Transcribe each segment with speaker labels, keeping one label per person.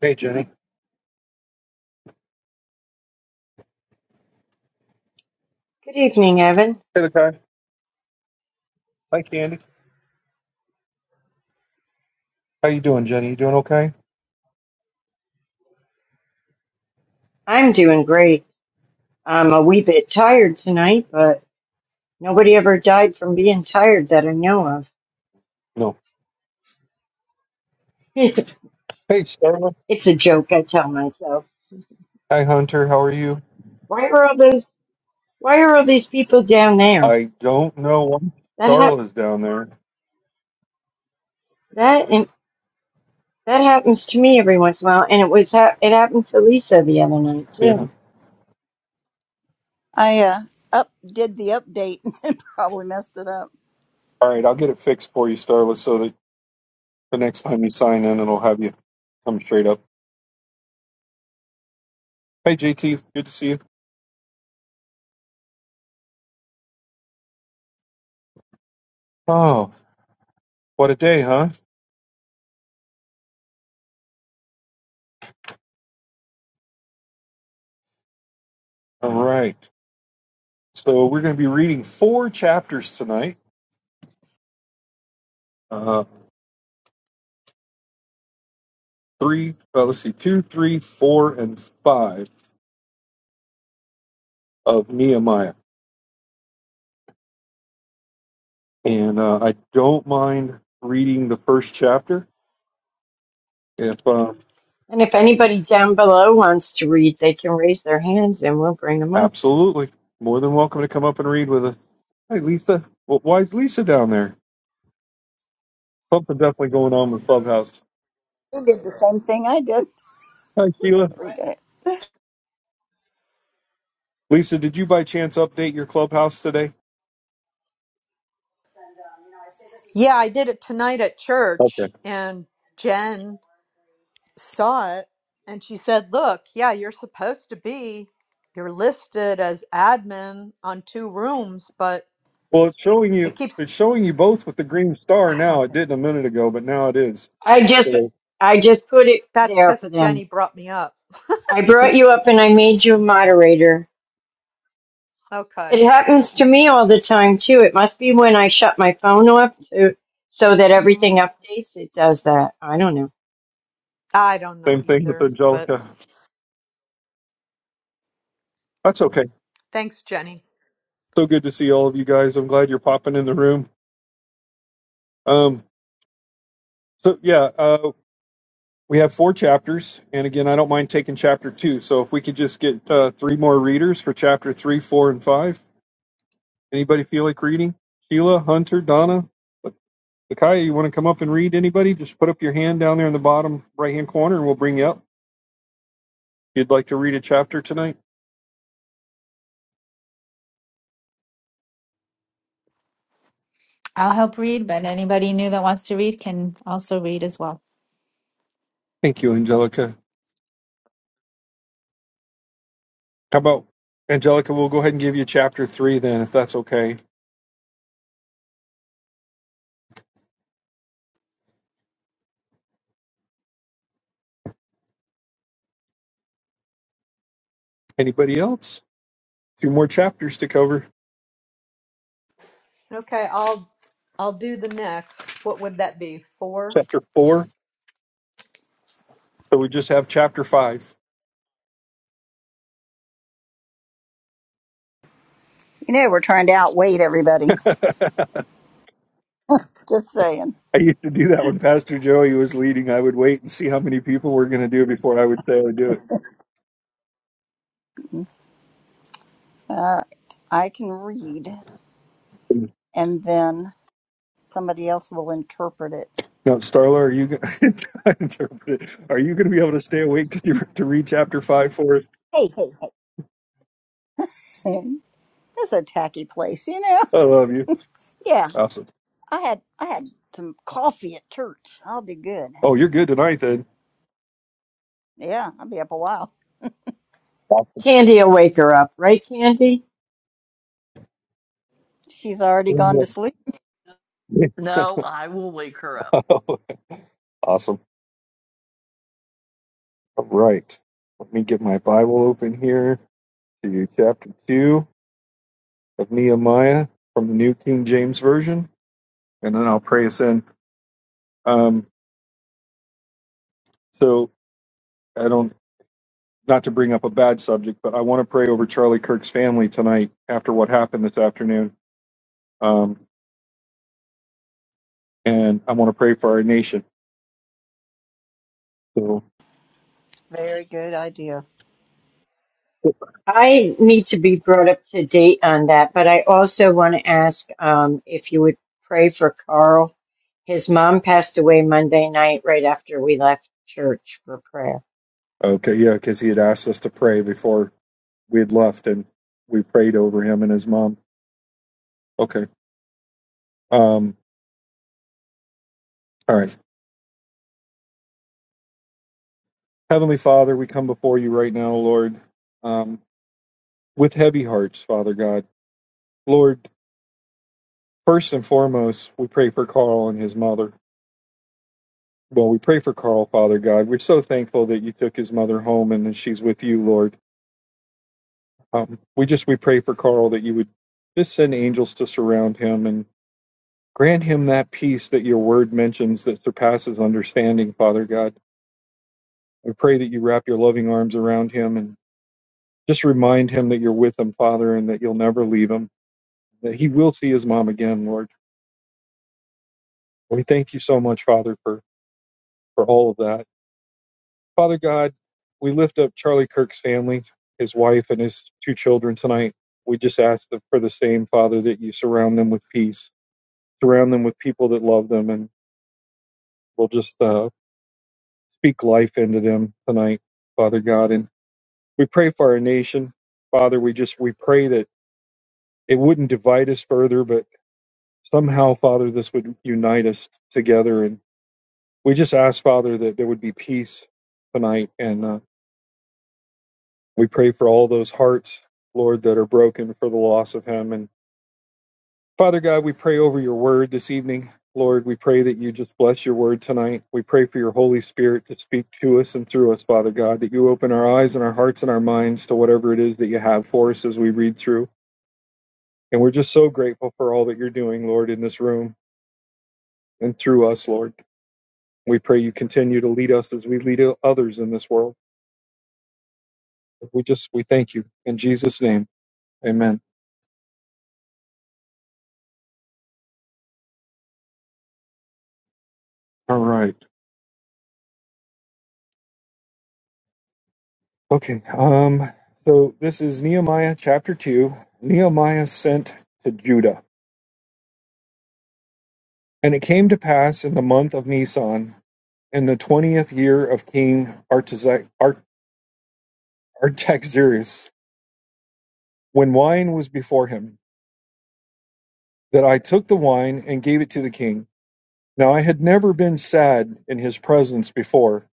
Speaker 1: Hey, Jenny.
Speaker 2: Good evening, Evan.
Speaker 1: Hey, the guy. Hi, Candy. How you doing, Jenny? You doing okay?
Speaker 2: I'm doing great. I'm a wee bit tired tonight, but nobody ever died from being tired that I know of.
Speaker 1: No.
Speaker 2: it's
Speaker 1: Hey, Starla.
Speaker 2: a joke, I tell myself.
Speaker 1: Hi, Hunter. How are you?
Speaker 2: Why are all those? Why are all these people down there?
Speaker 1: I don't know why
Speaker 2: That hap-
Speaker 1: Starla's down there.
Speaker 2: that and that happens to me every once in a while, and it was ha- it happened to Lisa the other night
Speaker 1: Yeah.
Speaker 2: too.
Speaker 3: I uh, up did the update and probably messed it up.
Speaker 1: All right, I'll get it fixed for you, Starla, so that the next time you sign in, it'll have you come straight up. Hey, JT. Good to see you. Oh, what a day, huh? All right. So we're going to be reading four chapters tonight. Uh, three. Uh, let's see, two, three, four, and five of Nehemiah. and uh, I don't mind reading the first chapter. If uh,
Speaker 2: And if anybody down below wants to read, they can raise their hands, and we'll bring them up.
Speaker 1: absolutely, more than welcome to come up and read with us. Hey, Lisa, well, why is Lisa down there? Something definitely going on with Clubhouse.
Speaker 3: He did the same thing I did.
Speaker 1: Hi, Sheila.
Speaker 3: We did
Speaker 1: Lisa, did you by chance update your Clubhouse today?
Speaker 4: Yeah, I did it tonight at church,
Speaker 1: Okay.
Speaker 4: and Jen saw it and she said, Look, yeah, you're supposed to be, you're listed as admin on two rooms, but
Speaker 1: Well, it's showing
Speaker 4: it
Speaker 1: you.
Speaker 4: keeps,
Speaker 1: It's showing you both with the green star
Speaker 4: I
Speaker 1: now.
Speaker 4: don't
Speaker 1: It
Speaker 4: get it.
Speaker 1: didn't a minute ago, but now it is.
Speaker 2: I just
Speaker 1: So
Speaker 2: I just put it
Speaker 4: That's
Speaker 2: there
Speaker 4: because
Speaker 2: for
Speaker 4: Jenny
Speaker 2: them.
Speaker 4: brought me up.
Speaker 2: I brought
Speaker 1: okay.
Speaker 2: you up, and I made you a moderator
Speaker 4: Okay.
Speaker 2: It happens to me all the time too. It must be when I shut my phone off to, so that everything
Speaker 4: Mm,
Speaker 2: updates. It does that. I don't know.
Speaker 4: I don't know
Speaker 1: same thing with
Speaker 4: either, but
Speaker 1: Angelica. That's okay.
Speaker 4: thanks, Jenny.
Speaker 1: So good to see all of you guys. I'm glad you're popping in the room. Um, so yeah, uh, We have four chapters, and again, I don't mind taking chapter two. So if we could just get uh, three more readers for chapter three, four, and five. Anybody feel like reading? Sheila, Hunter, Donna, Lakaya, you want to come up and read? Anybody? Just put up your hand down there in the bottom right hand corner, and we'll bring you up. If you'd like to read a chapter tonight.
Speaker 5: I'll help read, but anybody new that wants to read can also read as well.
Speaker 1: Thank you, Angelica. How about Angelica? We'll go ahead and give you chapter three then, if that's okay. Anybody else? Two more chapters to cover.
Speaker 4: Okay, I'll. I'll do the next. What would that be? Four?
Speaker 1: Chapter four. So we just have chapter five.
Speaker 3: You know, we're trying to outweight everybody. Just saying.
Speaker 1: I used to do that when Pastor Joey was leading. I would wait and see how many people were going to do it before I would say I would do it.
Speaker 3: All right. I can read and then somebody else will interpret it.
Speaker 1: Now, Starla, are you going to are you going to be able to stay awake to, do, to read chapter five for us?
Speaker 3: Hey, hey, hey. That's a tacky place, you know?
Speaker 1: I love you.
Speaker 3: Yeah.
Speaker 1: Awesome.
Speaker 3: I had I had some coffee at church. I'll be good.
Speaker 1: Oh, you're good tonight, then.
Speaker 3: Yeah, I'll be up a while.
Speaker 1: Awesome.
Speaker 2: Candy will wake her up, right, Candy?
Speaker 3: She's already gone to sleep.
Speaker 6: No, I will wake her up.
Speaker 1: awesome. All right. Let me get my Bible open here to chapter two of Nehemiah from the New King James Version, and then I'll pray us in. Um, so I don't. not to bring up a bad subject, but I want to pray over Charlie Kirk's family tonight after what happened this afternoon. Um, and I want to pray for our nation. So,
Speaker 3: Very good idea.
Speaker 2: I need to be brought up to date on that, but I also want to ask um, if you would pray for Carl. His mom passed away Monday night right after we left church for prayer.
Speaker 1: okay, yeah, because he had asked us to pray before we had left and we prayed over him and his mom. Okay. Um, all right. Heavenly Father, we come before you right now, Lord, um, with heavy hearts, Father God. Lord, first and foremost, we pray for Carl and his mother. Well, we pray for Carl, Father God. We're so thankful that you took his mother home and that she's with you, Lord. Um, we just we pray for Carl that you would just send angels to surround him and grant him that peace that your word mentions that surpasses understanding, Father God. We pray that you wrap your loving arms around him and just remind him that you're with him, Father, and that you'll never leave him, that he will see his mom again, Lord. We thank you so much, Father, for, for all of that. Father God, we lift up Charlie Kirk's family, his wife, and his two children tonight. We just ask for the same, Father, that you surround them with peace, surround them with people that love them, and we'll just uh, speak life into them tonight, Father God. And we pray for our nation, Father. We just we pray that it wouldn't divide us further, but somehow, Father, this would unite us together. And we just ask, Father, that there would be peace tonight, and uh, We pray for all those hearts, Lord, that are broken for the loss of him. And Father God, we pray over your word this evening. Lord, we pray that you just bless your word tonight. We pray for your Holy Spirit to speak to us and through us, Father God, that you open our eyes and our hearts and our minds to whatever it is that you have for us as we read through. And we're just so grateful for all that you're doing, Lord, in this room and through us, Lord. We pray you continue to lead us as we lead others in this world. We just, we thank you. In Jesus' name, amen. All right. Okay, um, so this is Nehemiah chapter 2. Nehemiah sent to Judah. And it came to pass in the month of Nisan, in the 20th year of King Artaxer- Art- Artaxerxes, when wine was before him, that I took the wine and gave it to the king. Now I had never been sad in his presence before.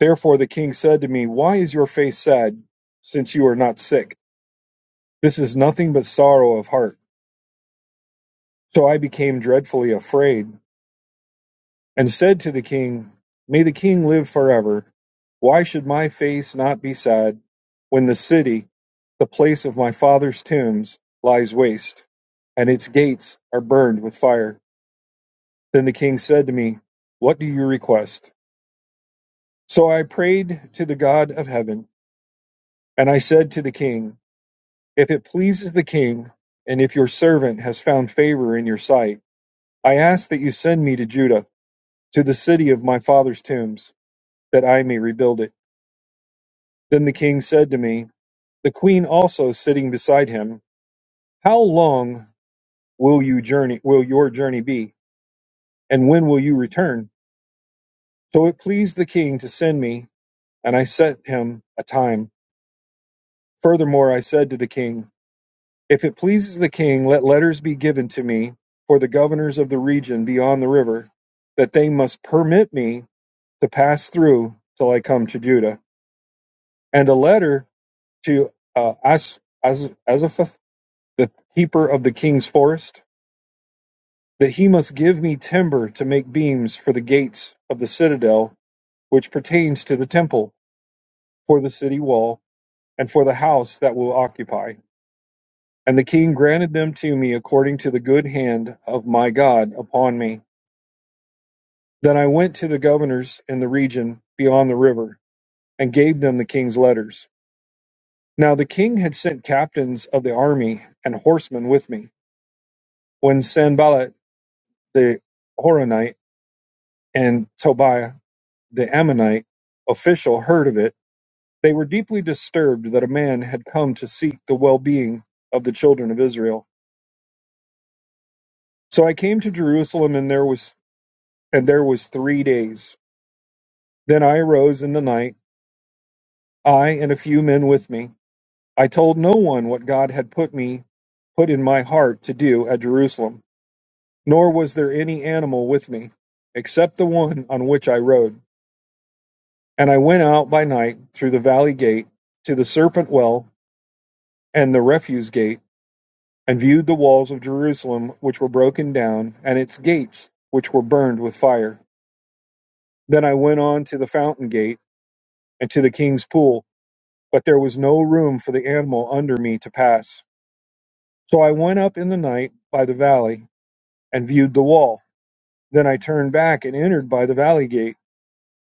Speaker 1: Therefore the king said to me, Why is your face sad, since you are not sick? This is nothing but sorrow of heart. So I became dreadfully afraid. and said to the king, May the king live forever. Why should my face not be sad when the city, the place of my father's tombs, lies waste, and its gates are burned with fire? Then the king said to me, What do you request? So I prayed to the God of heaven, and I said to the king, If it pleases the king, and if your servant has found favor in your sight, I ask that you send me to Judah, to the city of my father's tombs, that I may rebuild it. Then the king said to me, the queen also sitting beside him, How long will you journey will your journey be, and when will you return? So it pleased the king to send me, and I set him a time. Furthermore I said to the king, If it pleases the king, let letters be given to me for the governors of the region beyond the river, that they must permit me to pass through till I come to Judah. And a letter to uh, As, As, Azaphath, the keeper of the king's forest, that he must give me timber to make beams for the gates of the citadel which pertains to the temple, for the city wall, and for the house that will occupy. And the king granted them to me according to the good hand of my God upon me. Then I went to the governors in the region beyond the river, and gave them the king's letters. Now the king had sent captains of the army and horsemen with me. When Sanballat the Horonite and Tobiah the Ammonite official heard of it, They were deeply disturbed that a man had come to seek the well-being of the children of Israel. So I came to Jerusalem and there was and there was 3 days. Then I arose in the night, I and a few men with me. I told no one what God had put me put in my heart to do at Jerusalem, nor was there any animal with me except the one on which I rode. And I went out by night through the valley gate to the serpent well and the refuse gate and viewed the walls of Jerusalem, which were broken down, and its gates, which were burned with fire. Then I went on to the fountain gate and to the king's pool, but there was no room for the animal under me to pass. So I went up in the night by the valley and viewed the wall. Then I turned back and entered by the valley gate,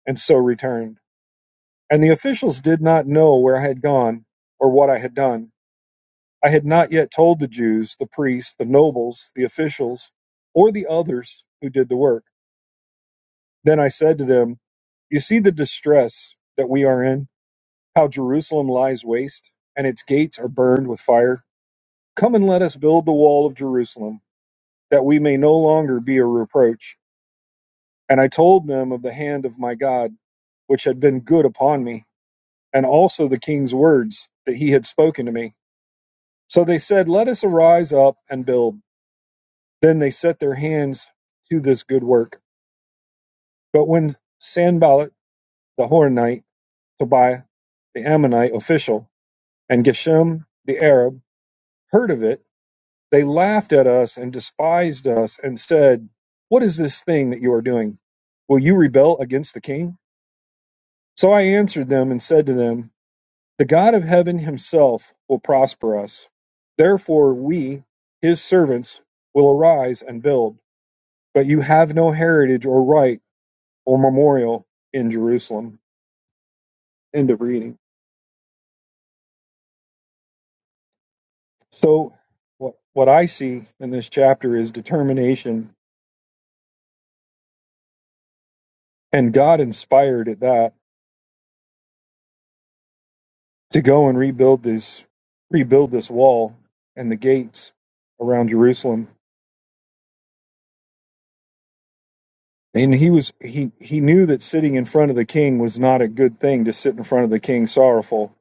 Speaker 1: and so returned. And the officials did not know where I had gone or what I had done. I had not yet told the Jews, the priests, the nobles, the officials, or the others who did the work Then I said to them, You see the distress that we are in, how Jerusalem lies waste, and its gates are burned with fire. Come and let us build the wall of Jerusalem, that we may no longer be a reproach. And I told them of the hand of my God, which had been good upon me, and also the king's words that he had spoken to me. So they said, Let us arise up and build. Then they set their hands to this good work. But when Sanballat the Horonite, Tobiah the Ammonite official, And Geshem the Arab heard of it. They laughed at us and despised us and said, What is this thing that you are doing? Will you rebel against the king? So I answered them and said to them, The God of heaven himself will prosper us. Therefore, we, his servants, will arise and build. But you have no heritage or right or memorial in Jerusalem. End of reading. So, what, what I see in this chapter is determination and God inspired at that to go and rebuild this rebuild this wall and the gates around Jerusalem. And he was he he knew that sitting in front of the king was not a good thing to sit in front of the king sorrowful,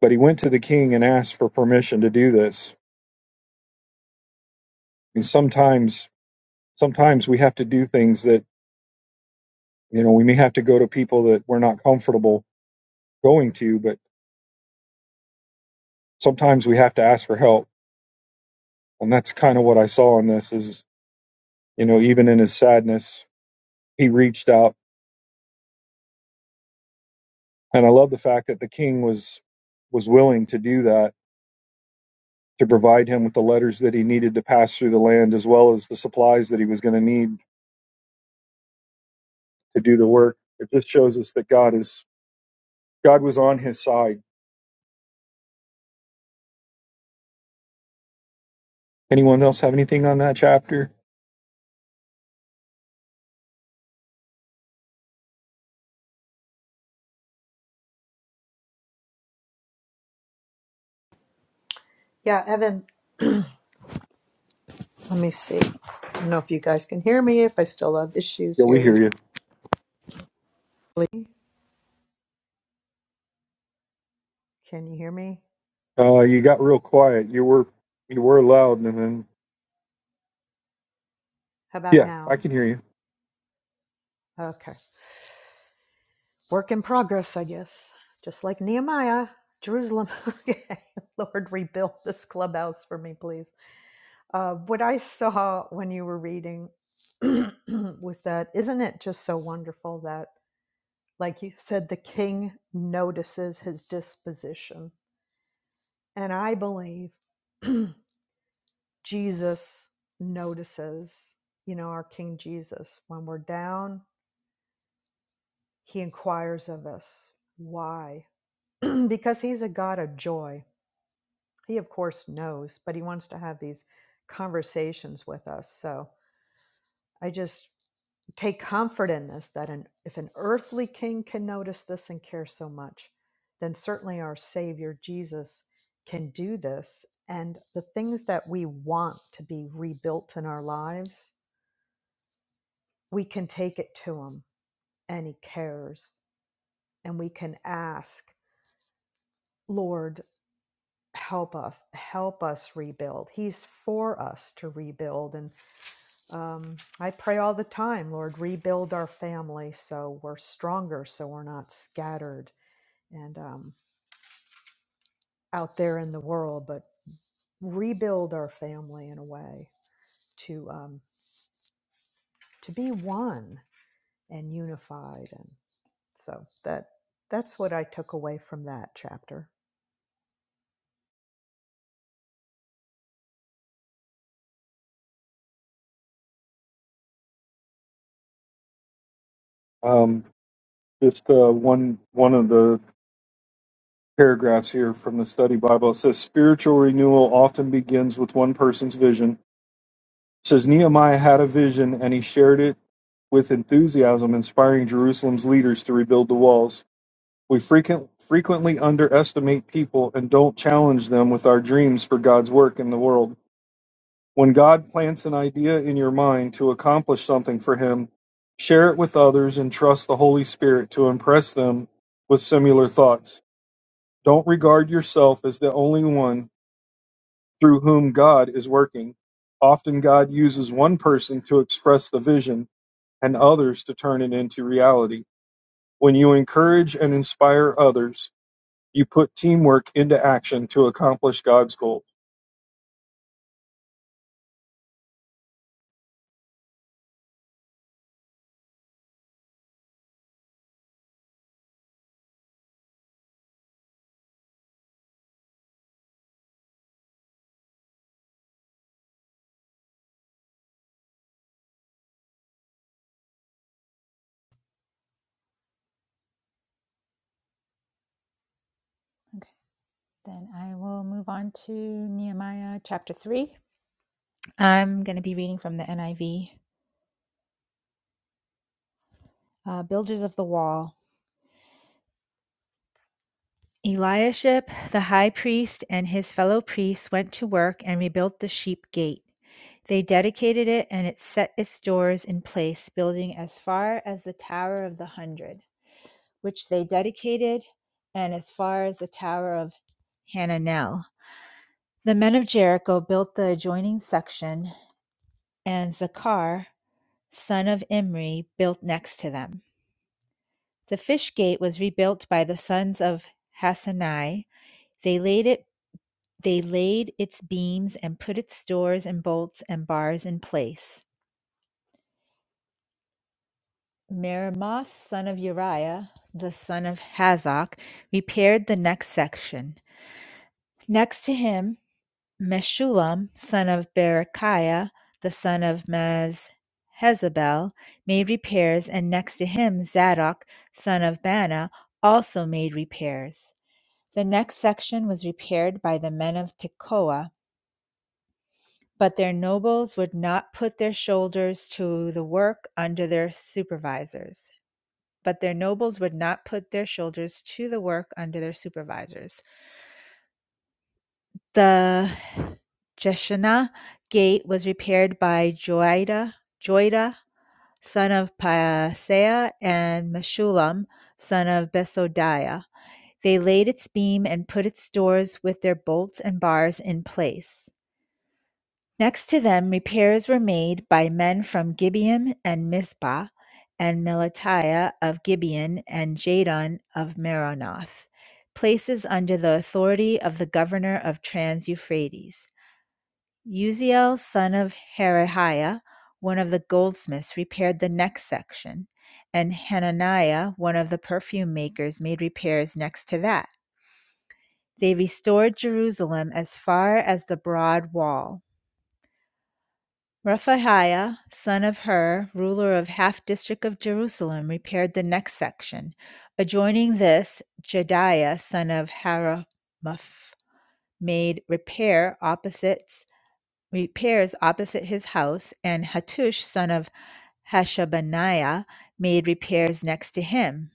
Speaker 1: but he went to the king and asked for permission to do this. And sometimes sometimes we have to do things that you know we may have to go to people that we're not comfortable going to, but sometimes we have to ask for help. And that's kind of what I saw in this is you know even in his sadness he reached out and i love the fact that the king was was willing to do that to provide him with the letters that he needed to pass through the land as well as the supplies that he was going to need to do the work it just shows us that god is god was on his side anyone else have anything on that chapter
Speaker 4: Yeah, Evan. Let me see. I don't know if you guys can hear me, if I still have issues
Speaker 1: yeah we
Speaker 4: here.
Speaker 1: hear you
Speaker 4: Can you hear me?
Speaker 1: uh you got real quiet you were you were loud and then
Speaker 4: How about
Speaker 1: yeah i
Speaker 4: now?
Speaker 1: can hear you
Speaker 4: Okay. Work in progress, I guess. Just like Nehemiah, Jerusalem. okay. Lord, rebuild this clubhouse for me, please. Uh, what I saw when you were reading was that, isn't it just so wonderful that, like you said, the king notices his disposition? And I believe Jesus notices, you know, our King Jesus when we're down He inquires of us, Why? because he's a God of joy. He, of course, knows, but he wants to have these conversations with us. So I just take comfort in this that an, if an earthly king can notice this and care so much, then certainly our Savior Jesus can do this. And the things that we want to be rebuilt in our lives, we can take it to him and he cares. And we can ask, Lord, help us help us rebuild he's for us to rebuild and um, i pray all the time lord rebuild our family so we're stronger so we're not scattered and um, out there in the world but rebuild our family in a way to um, to be one and unified and so that that's what i took away from that chapter
Speaker 1: um just uh one one of the paragraphs here from the study bible it says spiritual renewal often begins with one person's vision says Nehemiah had a vision and he shared it with enthusiasm, inspiring Jerusalem's leaders to rebuild the walls. We frequent, frequently underestimate people and don't challenge them with our dreams for God's work in the world. When God plants an idea in your mind to accomplish something for Him, share it with others and trust the Holy Spirit to impress them with similar thoughts. Don't regard yourself as the only one through whom God is working. Often God uses one person to express the vision, and others to turn it into reality. When you encourage and inspire others, you put teamwork into action to accomplish God's goal.
Speaker 5: Okay, then I will move on to Nehemiah chapter 3. I'm going to be reading from the NIV. Uh, Builders of the Wall. Eliashib, the high priest, and his fellow priests went to work and rebuilt the sheep gate. They dedicated it and it set its doors in place, building as far as the Tower of the Hundred, which they dedicated, and as far as the Tower of Hananel The men of Jericho built the adjoining section, and Zakhar, son of Imri, built next to them. The fish gate was rebuilt by the sons of Hassanai. They laid it they laid its beams and put its doors and bolts and bars in place. Meremoth, son of Uriah, the son of Hazak, repaired the next section. Next to him Meshullam, son of Berechiah, the son of Mezhezabel, made repairs, and next to him Zadok, son of Bana, also made repairs. The next section was repaired by the men of Tekoa, but their nobles would not put their shoulders to the work under their supervisors. But their nobles would not put their shoulders to the work under their supervisors. The Jeshanah gate was repaired by Joiada, Joiada son of Paseah, and Meshullam, son of Besodiah. They laid its beam and put its doors with their bolts and bars in place. Next to them, repairs were made by men from Gibeon and Mizpah, and Melatiah of Gibeon and Jadon of Meronoth, places under the authority of the governor of Trans Euphrates. Uziel son of Harahiah, one of the goldsmiths, repaired the next section, and Hananiah, one of the perfume makers, made repairs next to that. They restored Jerusalem as far as the broad wall. Rephaiah, son of Hur, ruler of half district of Jerusalem, repaired the next section. Adjoining this, Jediah, son of Haramath, made repair opposite. repairs opposite his house, and Hattush son of Hashabaniah made repairs next to him.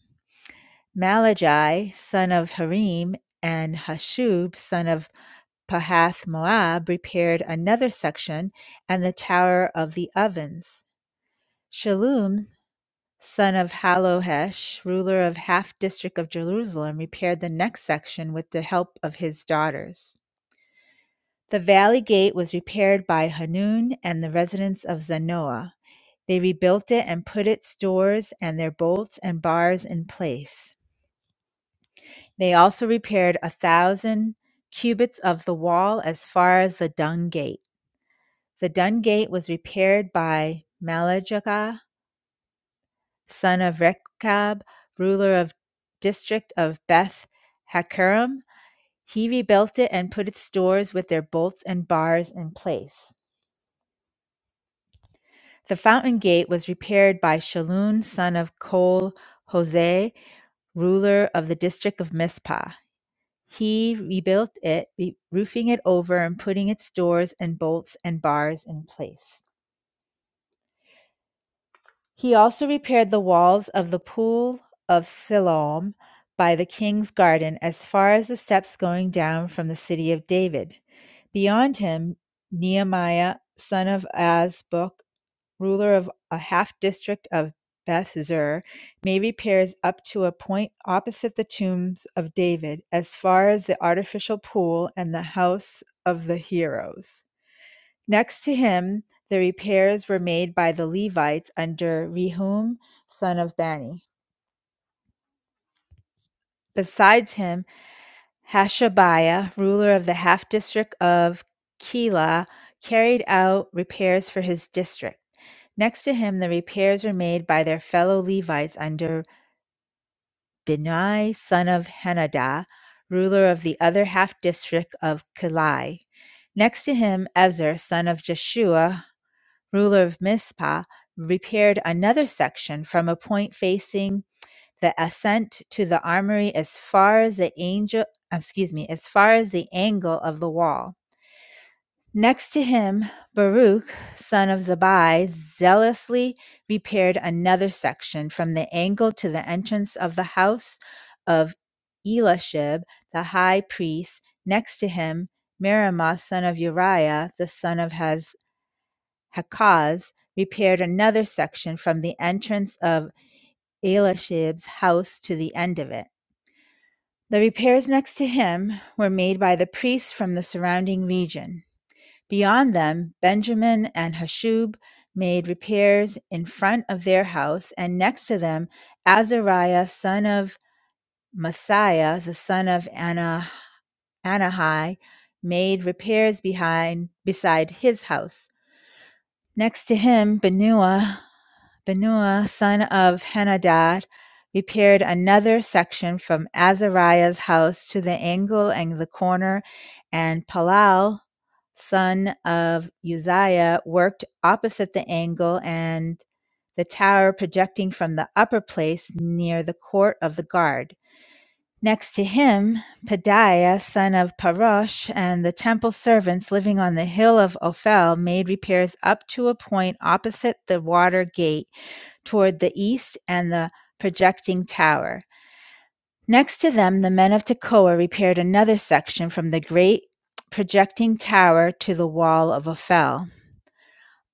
Speaker 5: Malagi son of Harim and Hashub son of Pahath Moab repaired another section and the tower of the ovens. Shalom son of Halohesh, ruler of half district of Jerusalem, repaired the next section with the help of his daughters. The valley gate was repaired by Hanun and the residents of Zanoah. They rebuilt it and put its doors and their bolts and bars in place. They also repaired a thousand cubits of the wall as far as the dung gate. The dung gate was repaired by Malagah, son of Rechab, ruler of district of Beth Hakerem. He rebuilt it and put its doors with their bolts and bars in place. The fountain gate was repaired by Shalun son of Kol Hoseh, ruler of the district of Mizpah. He rebuilt it, re- roofing it over and putting its doors and bolts and bars in place. He also repaired the walls of the pool of Siloam by the king's garden as far as the steps going down from the city of David. Beyond him, Nehemiah, son of Azbuk ruler of a half-district of Beth Zur, made repairs up to a point opposite the tombs of David, as far as the artificial pool and the house of the heroes. Next to him, the repairs were made by the Levites under Rehum, son of Bani. Besides him, Hashabiah, ruler of the half district of Keilah, carried out repairs for his district. Next to him, the repairs were made by their fellow Levites under Benai, son of Henadad, ruler of the other half district of Keilah. Next to him, Ezer, son of Jeshua, ruler of Mizpah, repaired another section from a point facing the ascent to the armory as far as the angel uh, excuse me as far as the angle of the wall next to him baruch son of zabai zealously repaired another section from the angle to the entrance of the house of elishib the high priest next to him merimoth son of uriah the son of Haz- hakaz repaired another section from the entrance of elishib's house to the end of it The repairs next to him were made by the priests from the surrounding region. Beyond them, Benjamin and Hashub made repairs in front of their house, and next to them, Azariah, son of Messiah, the son of Ana- Anahai, made repairs behind beside his house. Next to him, Benua, Binui, son of Henadad, repaired another section from Azariah's house to the angle and the corner, and Palal, son of Uzziah, worked opposite the angle and the tower projecting from the upper place near the court of the guard. Next to him, Pedaiah, son of Parosh, and the temple servants living on the hill of Ophel made repairs up to a point opposite the water gate toward the east and the projecting tower. Next to them, the men of Tekoa repaired another section from the great projecting tower to the wall of Ophel.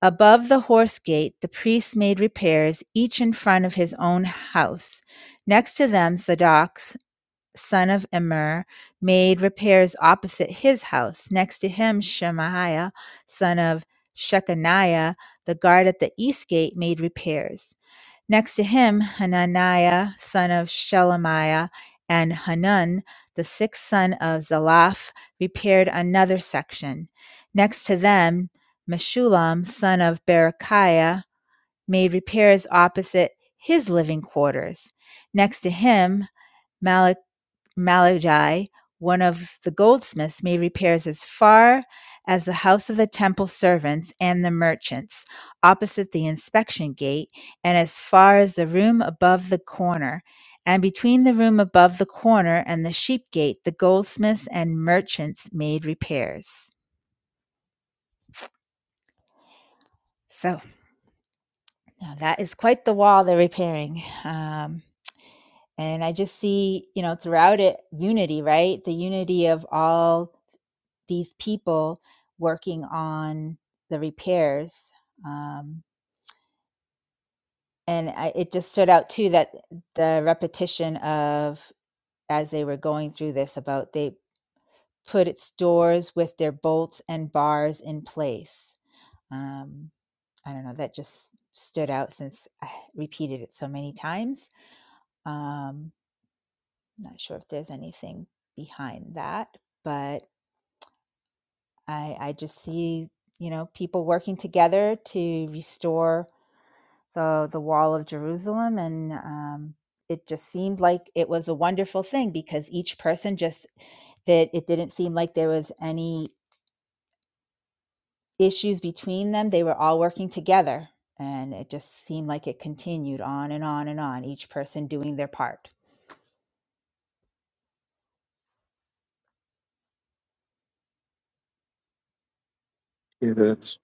Speaker 5: Above the horse gate, the priests made repairs, each in front of his own house. Next to them, Zadok, son of Immer, made repairs opposite his house. Next to him, Shemaiah, son of Shechaniah, the guard at the east gate, made repairs. Next to him, Hananiah, son of Shelemiah, and Hanun, the sixth son of Zalaph, repaired another section. Next to them, Meshulam, son of Berechiah, made repairs opposite his living quarters. Next to him, Malach Malagi, one of the goldsmiths, made repairs as far as the house of the temple servants and the merchants, opposite the inspection gate, and as far as the room above the corner. And between the room above the corner and the sheep gate, the goldsmiths and merchants made repairs. So now that is quite the wall they're repairing. Um, and I just see, you know, throughout it, unity, right? The unity of all these people working on the repairs. Um, and I, it just stood out too that the repetition of as they were going through this about they put its doors with their bolts and bars in place. Um, I don't know, that just stood out since I repeated it so many times. Um, not sure if there's anything behind that, but I, I just see, you know, people working together to restore the the wall of Jerusalem and um it just seemed like it was a wonderful thing because each person just that it didn't seem like there was any issues between them they were all working together and it just seemed like it continued on and on and on each person doing their part
Speaker 1: Yeah, that's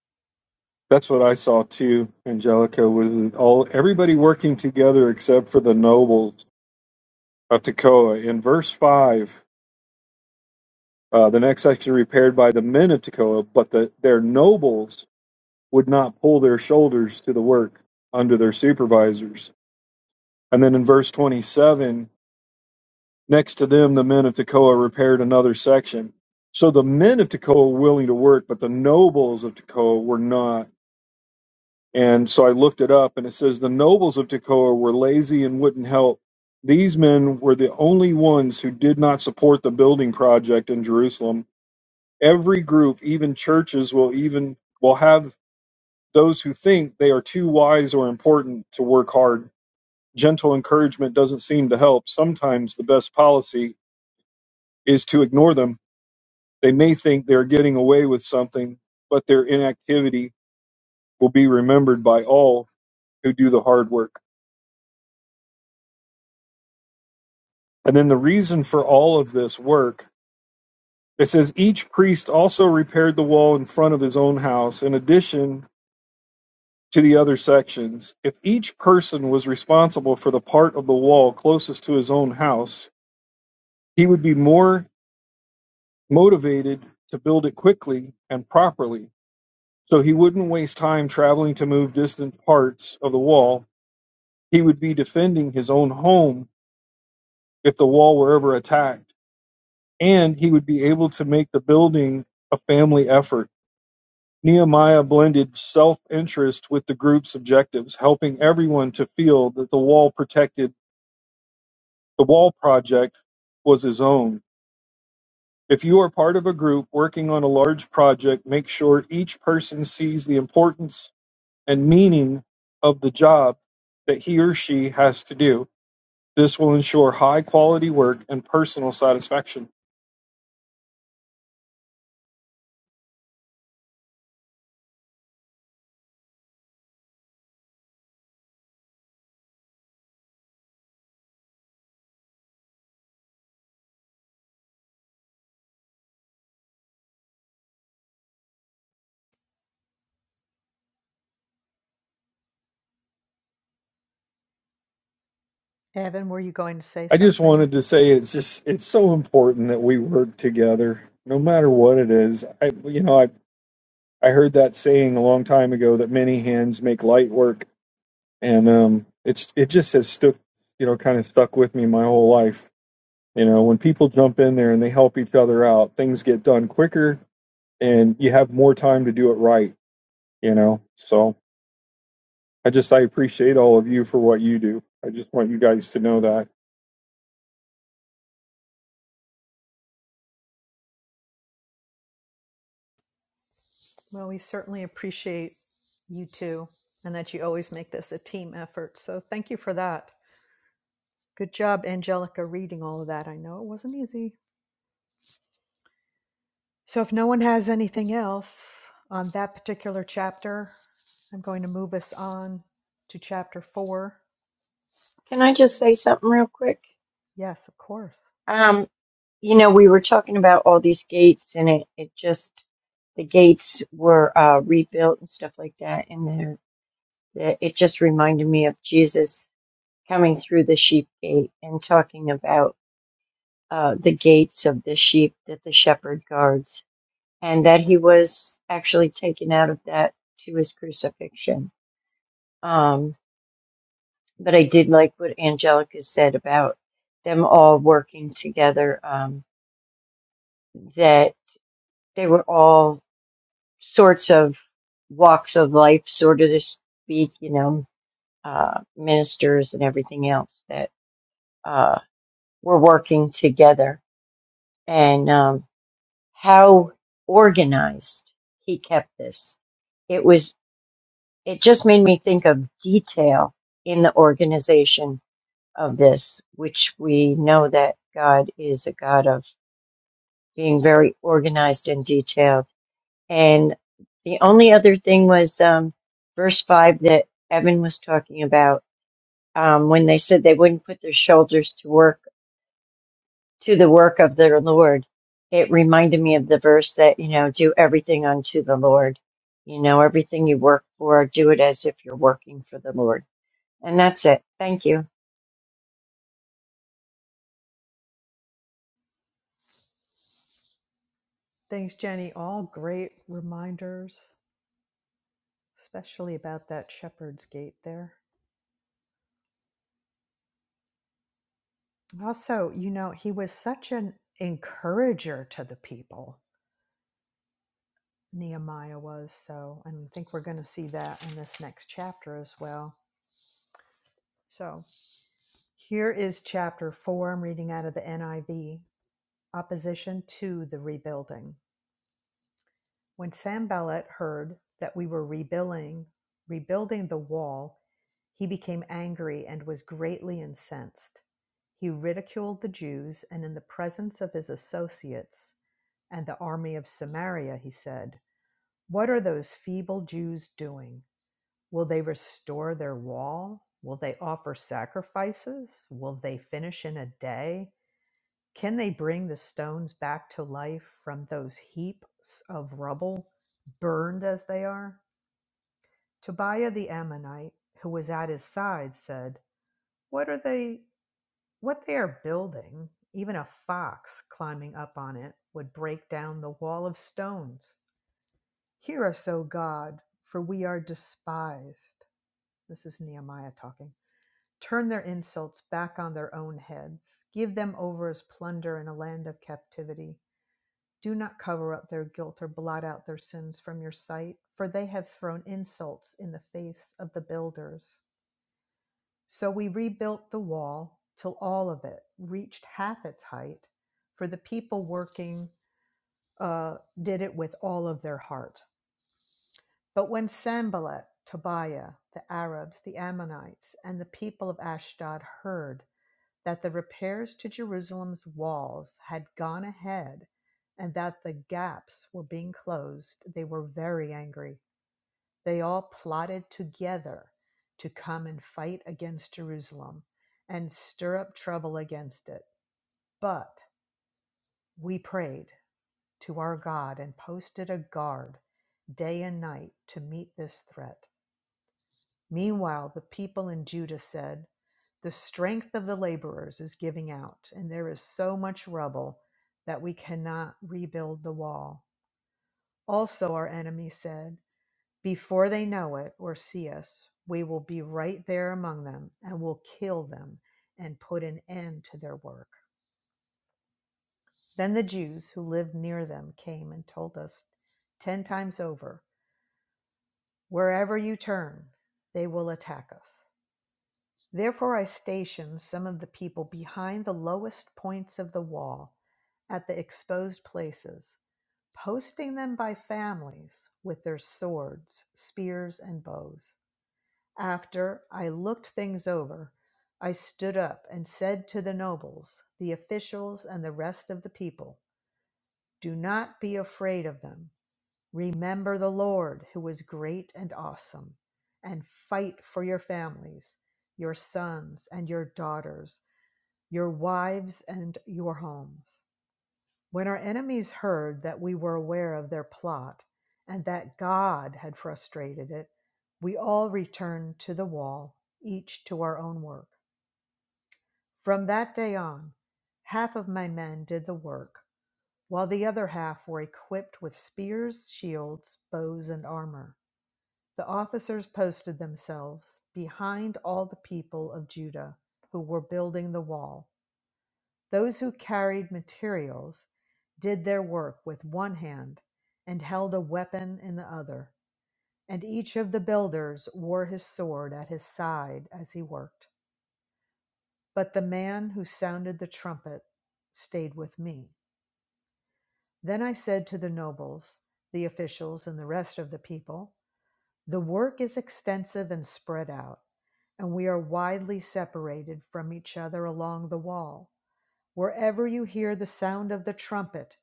Speaker 1: that's what I saw too, Angelica, was all everybody working together except for the nobles of Tekoa. In verse five, uh, the next section repaired by the men of Tekoa, but the, their nobles would not pull their shoulders to the work under their supervisors. And then in verse 27, Next to them, the men of Tekoa repaired another section. So the men of Tekoa were willing to work, but the nobles of Tekoa were not. And so I looked it up, and it says the nobles of Tekoa were lazy and wouldn't help. These men were the only ones who did not support the building project in Jerusalem. Every group, even churches, will even will have those who think they are too wise or important to work hard. Gentle encouragement doesn't seem to help. Sometimes the best policy is to ignore them They may think they're getting away with something, but their inactivity will be remembered by all who do the hard work. And then the reason for all of this work, it says each priest also repaired the wall in front of his own house in addition to the other sections. If each person was responsible for the part of the wall closest to his own house, he would be more motivated to build it quickly and properly so he wouldn't waste time traveling to move distant parts of the wall He would be defending his own home if the wall were ever attacked, and he would be able to make the building a family effort. Nehemiah blended self interest with the group's objectives, helping everyone to feel that the wall protected the wall project was his own. If you are part of a group working on a large project, make sure each person sees the importance and meaning of the job that he or she has to do This will ensure high quality work and personal satisfaction.
Speaker 4: evan were you going to say
Speaker 1: I just
Speaker 4: something
Speaker 1: wanted to say it's just it's so important that we work together, no matter what it is. I you know I I heard that saying a long time ago that many hands make light work, and um, it's it just has stuck you know kind of stuck with me my whole life. You know when people jump in there and they help each other out, things get done quicker, and you have more time to do it right. You know, so I just I appreciate all of you for what you do. I just want you guys to know that.
Speaker 4: Well, we certainly appreciate you too, and that you always make this a team effort. So thank you for that. Good job, Angelica, reading all of that. I know it wasn't easy. So if no one has anything else on that particular chapter, I'm going to move us on to chapter four.
Speaker 2: Can I just say something real quick?
Speaker 4: Yes, of course.
Speaker 2: Um, you know, we were talking about all these gates, and it, it just the gates were uh, rebuilt and stuff like that. And there, that- it just reminded me of Jesus coming through the sheep gate and talking about uh, the gates of the sheep that the shepherd guards, and that he was actually taken out of that to his crucifixion. Um, but I did like what Angelica said about them all working together. Um, that they were all sorts of walks of life, sort of to speak, you know, uh, ministers and everything else that uh, were working together and um, how organized he kept this. It was, it just made me think of detail in the organization of this, which we know that God is a God of being very organized and detailed. And the only other thing was um, verse 5 that Evan was talking about um, when they said they wouldn't put their shoulders to work to the work of the Lord. It reminded me of the verse that, you know, do everything unto the Lord. You know, everything you work for, do it as if you're working for the Lord. And that's it. Thank you.
Speaker 4: Thanks, Jenny. All great reminders, especially about that shepherd's gate there. Also, you know, he was such an encourager to the people Nehemiah was. So I think we're going to see that in this next chapter as well. So here is chapter four. I'm reading out of the NIV Opposition to the Rebuilding. When Sambalat heard that we were rebuilding, rebuilding the wall, he became angry and was greatly incensed. He ridiculed the Jews, and in the presence of his associates and the army of Samaria, he said, What are those feeble Jews doing? Will they restore their wall? Will they offer sacrifices? Will they finish in a day? Can they bring the stones back to life from those heaps of rubble, burned as they are? Tobiah the Ammonite, who was at his side, said, What are they what they are building? Even a fox climbing up on it would break down the wall of stones. Hear us, O God, for we are despised. This is Nehemiah talking. Turn their insults back on their own heads. Give them over as plunder in a land of captivity. Do not cover up their guilt or blot out their sins from your sight, for they have thrown insults in the face of the builders. So we rebuilt the wall till all of it reached half its height, for the people working uh, did it with all of their heart. But when Sanballat, Tobiah, the Arabs, the Ammonites, and the people of Ashdod heard that the repairs to Jerusalem's walls had gone ahead and that the gaps were being closed, they were very angry. They all plotted together to come and fight against Jerusalem and stir up trouble against it. But we prayed to our God and posted a guard day and night to meet this threat. Meanwhile, the people in Judah said, The strength of the laborers is giving out, and there is so much rubble that we cannot rebuild the wall. Also, our enemy said, Before they know it or see us, we will be right there among them and will kill them and put an end to their work. Then the Jews who lived near them came and told us ten times over, Wherever you turn, they will attack us. Therefore I stationed some of the people behind the lowest points of the wall at the exposed places, posting them by families with their swords, spears, and bows. After I looked things over, I stood up and said to the nobles, the officials, and the rest of the people, Do not be afraid of them. Remember the Lord who is great and awesome, and fight for your families, your sons and your daughters, your wives and your homes. When our enemies heard that we were aware of their plot and that God had frustrated it, we all returned to the wall, each to our own work. From that day on, half of my men did the work, while the other half were equipped with spears, shields, bows, and armor. The officers posted themselves behind all the people of Judah who were building the wall. Those who carried materials did their work with one hand and held a weapon in the other, and each of the builders wore his sword at his side as he worked. But the man who sounded the trumpet stayed with me. Then I said to the nobles, the officials, and the rest of the people, The work is extensive and spread out, and we are widely separated from each other along the wall. Wherever you hear the sound of the trumpet,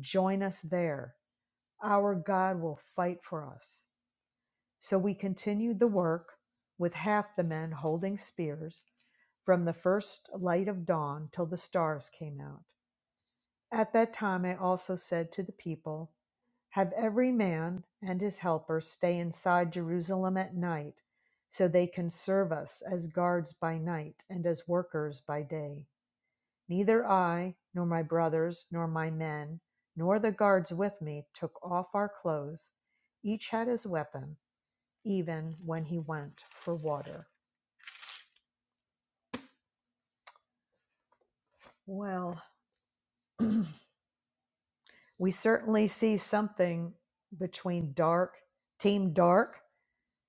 Speaker 4: join us there. Our God will fight for us. So we continued the work with half the men holding spears from the first light of dawn till the stars came out. At that time I also said to the people, have every man and his helper stay inside Jerusalem at night, so they can serve us as guards by night and as workers by day. Neither I, nor my brothers, nor my men, nor the guards with me took off our clothes. Each had his weapon, even when he went for water. Well, we certainly see something between dark, team dark,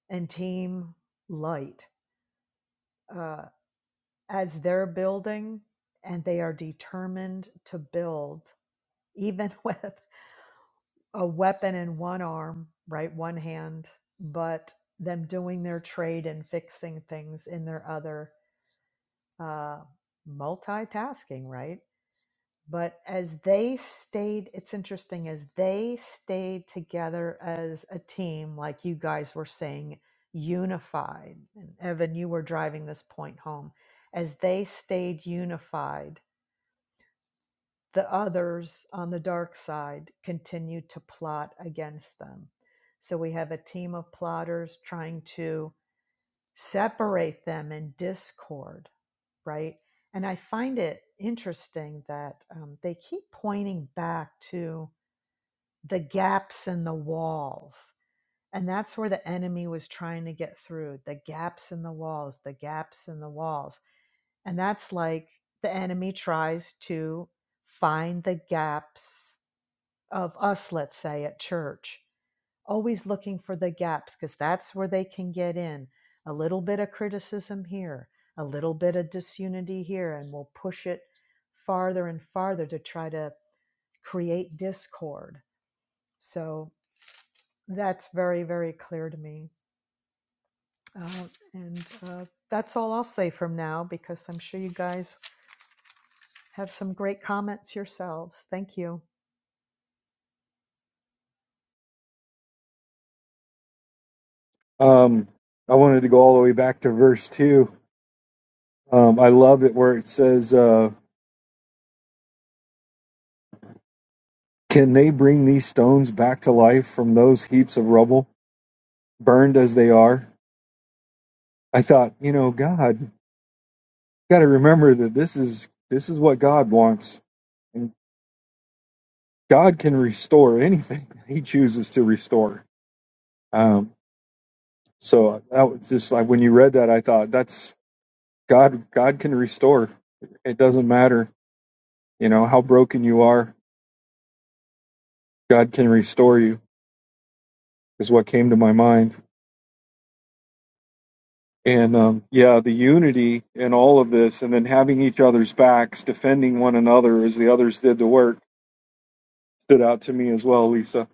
Speaker 4: and team light. Uh, as they're building and they are determined to build even with a weapon in one arm right one hand but them doing their trade and fixing things in their other uh, multitasking right but as they stayed it's interesting as they stayed together as a team like you guys were saying unified and evan you were driving this point home as they stayed unified the others on the dark side continue to plot against them. So we have a team of plotters trying to separate them in discord, right? And I find it interesting that um, they keep pointing back to the gaps in the walls. And that's where the enemy was trying to get through the gaps in the walls, the gaps in the walls. And that's like the enemy tries to find the gaps of us, let's say, at church, always looking for the gaps because that's where they can get in. A little bit of criticism here, a little bit of disunity here, and we'll push it farther and farther to try to create discord. So that's very, very clear to me. Uh, and uh, that's all I'll say from now because I'm sure you guys have some great comments yourselves. Thank you.
Speaker 1: Um, I wanted to go all the way back to verse 2. Um, I love it where it says, uh, Can they bring these stones back to life from those heaps of rubble, burned as they are? I thought, you know, God, got to remember that this is this is what God wants, and God can restore anything He chooses to restore. Um, so that was just like when you read that, I thought that's God. God can restore. It doesn't matter, you know, how broken you are. God can restore you is what came to my mind. And um, yeah, the unity in all of this, and then having each other's backs, defending one another as the others did the work, stood out to me as well, Lisa.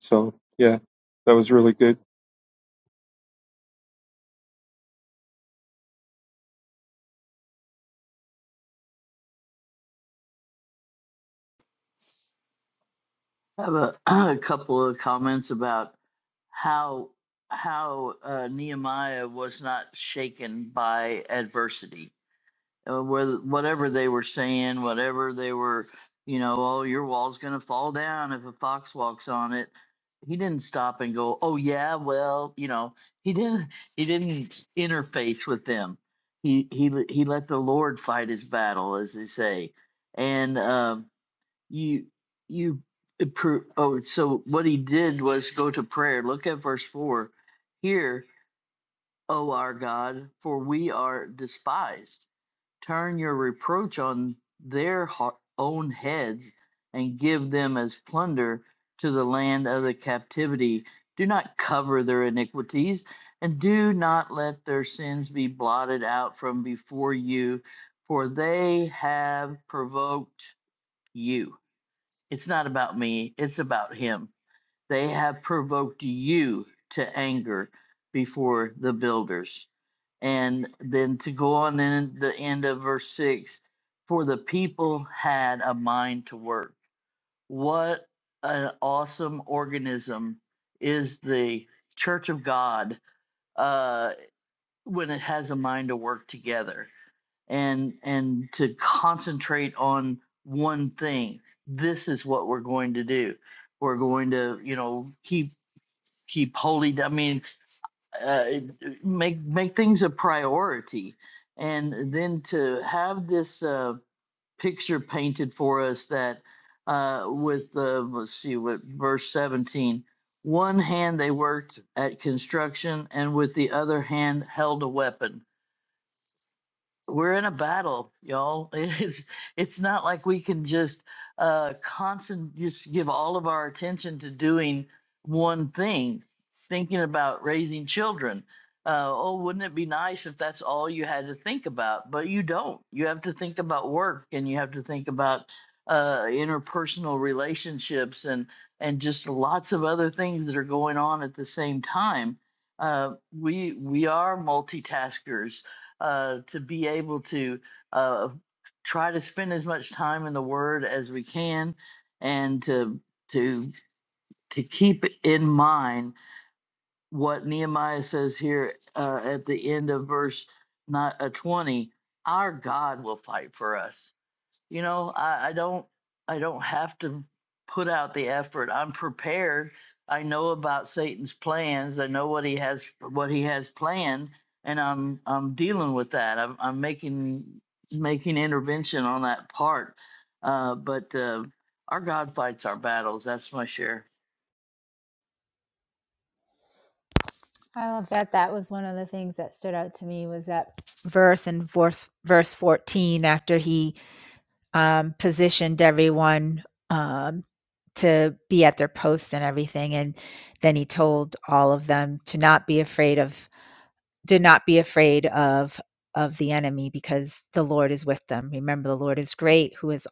Speaker 1: So yeah, that was really good.
Speaker 6: I have a, a couple of comments about how how uh, Nehemiah was not shaken by adversity. Uh, whether- whatever they were saying, whatever they were, you know, oh, your wall's going to fall down if a fox walks on it. He didn't stop and go, oh yeah, well, you know, he didn't he didn't interface with them. He he he let the Lord fight his battle, as they say, and. Um, you you appro oh so what he did was go to prayer look at verse 4 here o our god for we are despised turn your reproach on their ho- own heads and give them as plunder to the land of the captivity do not cover their iniquities and do not let their sins be blotted out from before you for they have provoked you it's not about me, it's about him. They have provoked you to anger before the builders. And then to go on in the end of verse 6 for the people had a mind to work. What an awesome organism is the church of God uh, when it has a mind to work together and and to concentrate on one thing this is what we're going to do we're going to you know keep keep holding i mean uh, make make things a priority and then to have this uh, picture painted for us that uh, with uh, let's see what verse 17 one hand they worked at construction and with the other hand held a weapon we're in a battle, y'all. It's it's not like we can just uh constant just give all of our attention to doing one thing, thinking about raising children. Uh, oh, wouldn't it be nice if that's all you had to think about? But you don't. You have to think about work, and you have to think about uh, interpersonal relationships, and and just lots of other things that are going on at the same time. Uh, we we are multitaskers uh, to be able to uh, try to spend as much time in the Word as we can, and to to to keep in mind what Nehemiah says here uh, at the end of verse not, uh, twenty. Our God will fight for us you know I, I don't i don't have to put out the effort i'm prepared i know about satan's plans i know what he has what he has planned and i'm i'm dealing with that i'm, I'm making making intervention on that part uh, but uh, our god fights our battles that's my share
Speaker 5: I love that. That was one of the things that stood out to me was that verse and verse verse 14 after he um, positioned everyone um, to be at their post and everything. And then he told all of them to not be afraid of, to not be afraid of of the enemy because the Lord is with them. Remember the Lord is great, who is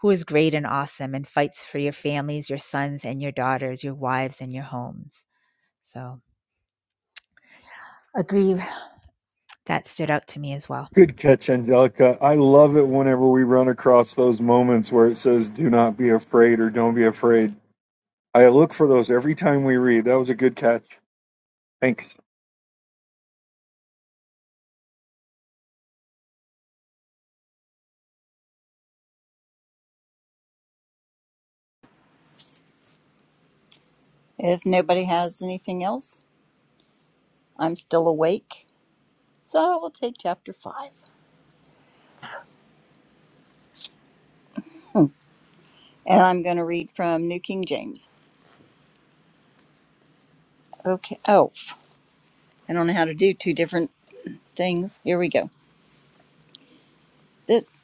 Speaker 5: who is great and awesome and fights for your families, your sons and your daughters, your wives and your homes. So agree that stood out to me as well.
Speaker 1: Good catch, Angelica. I love it whenever we run across those moments where it says, do not be afraid or don't be afraid. I look for those every time we read. That was a good catch. Thanks.
Speaker 3: If nobody has anything else, I'm still awake. So I will take chapter 5. And I'm going to read from New King James. Okay. Oh, I don't know how to do two different things. Here we go. This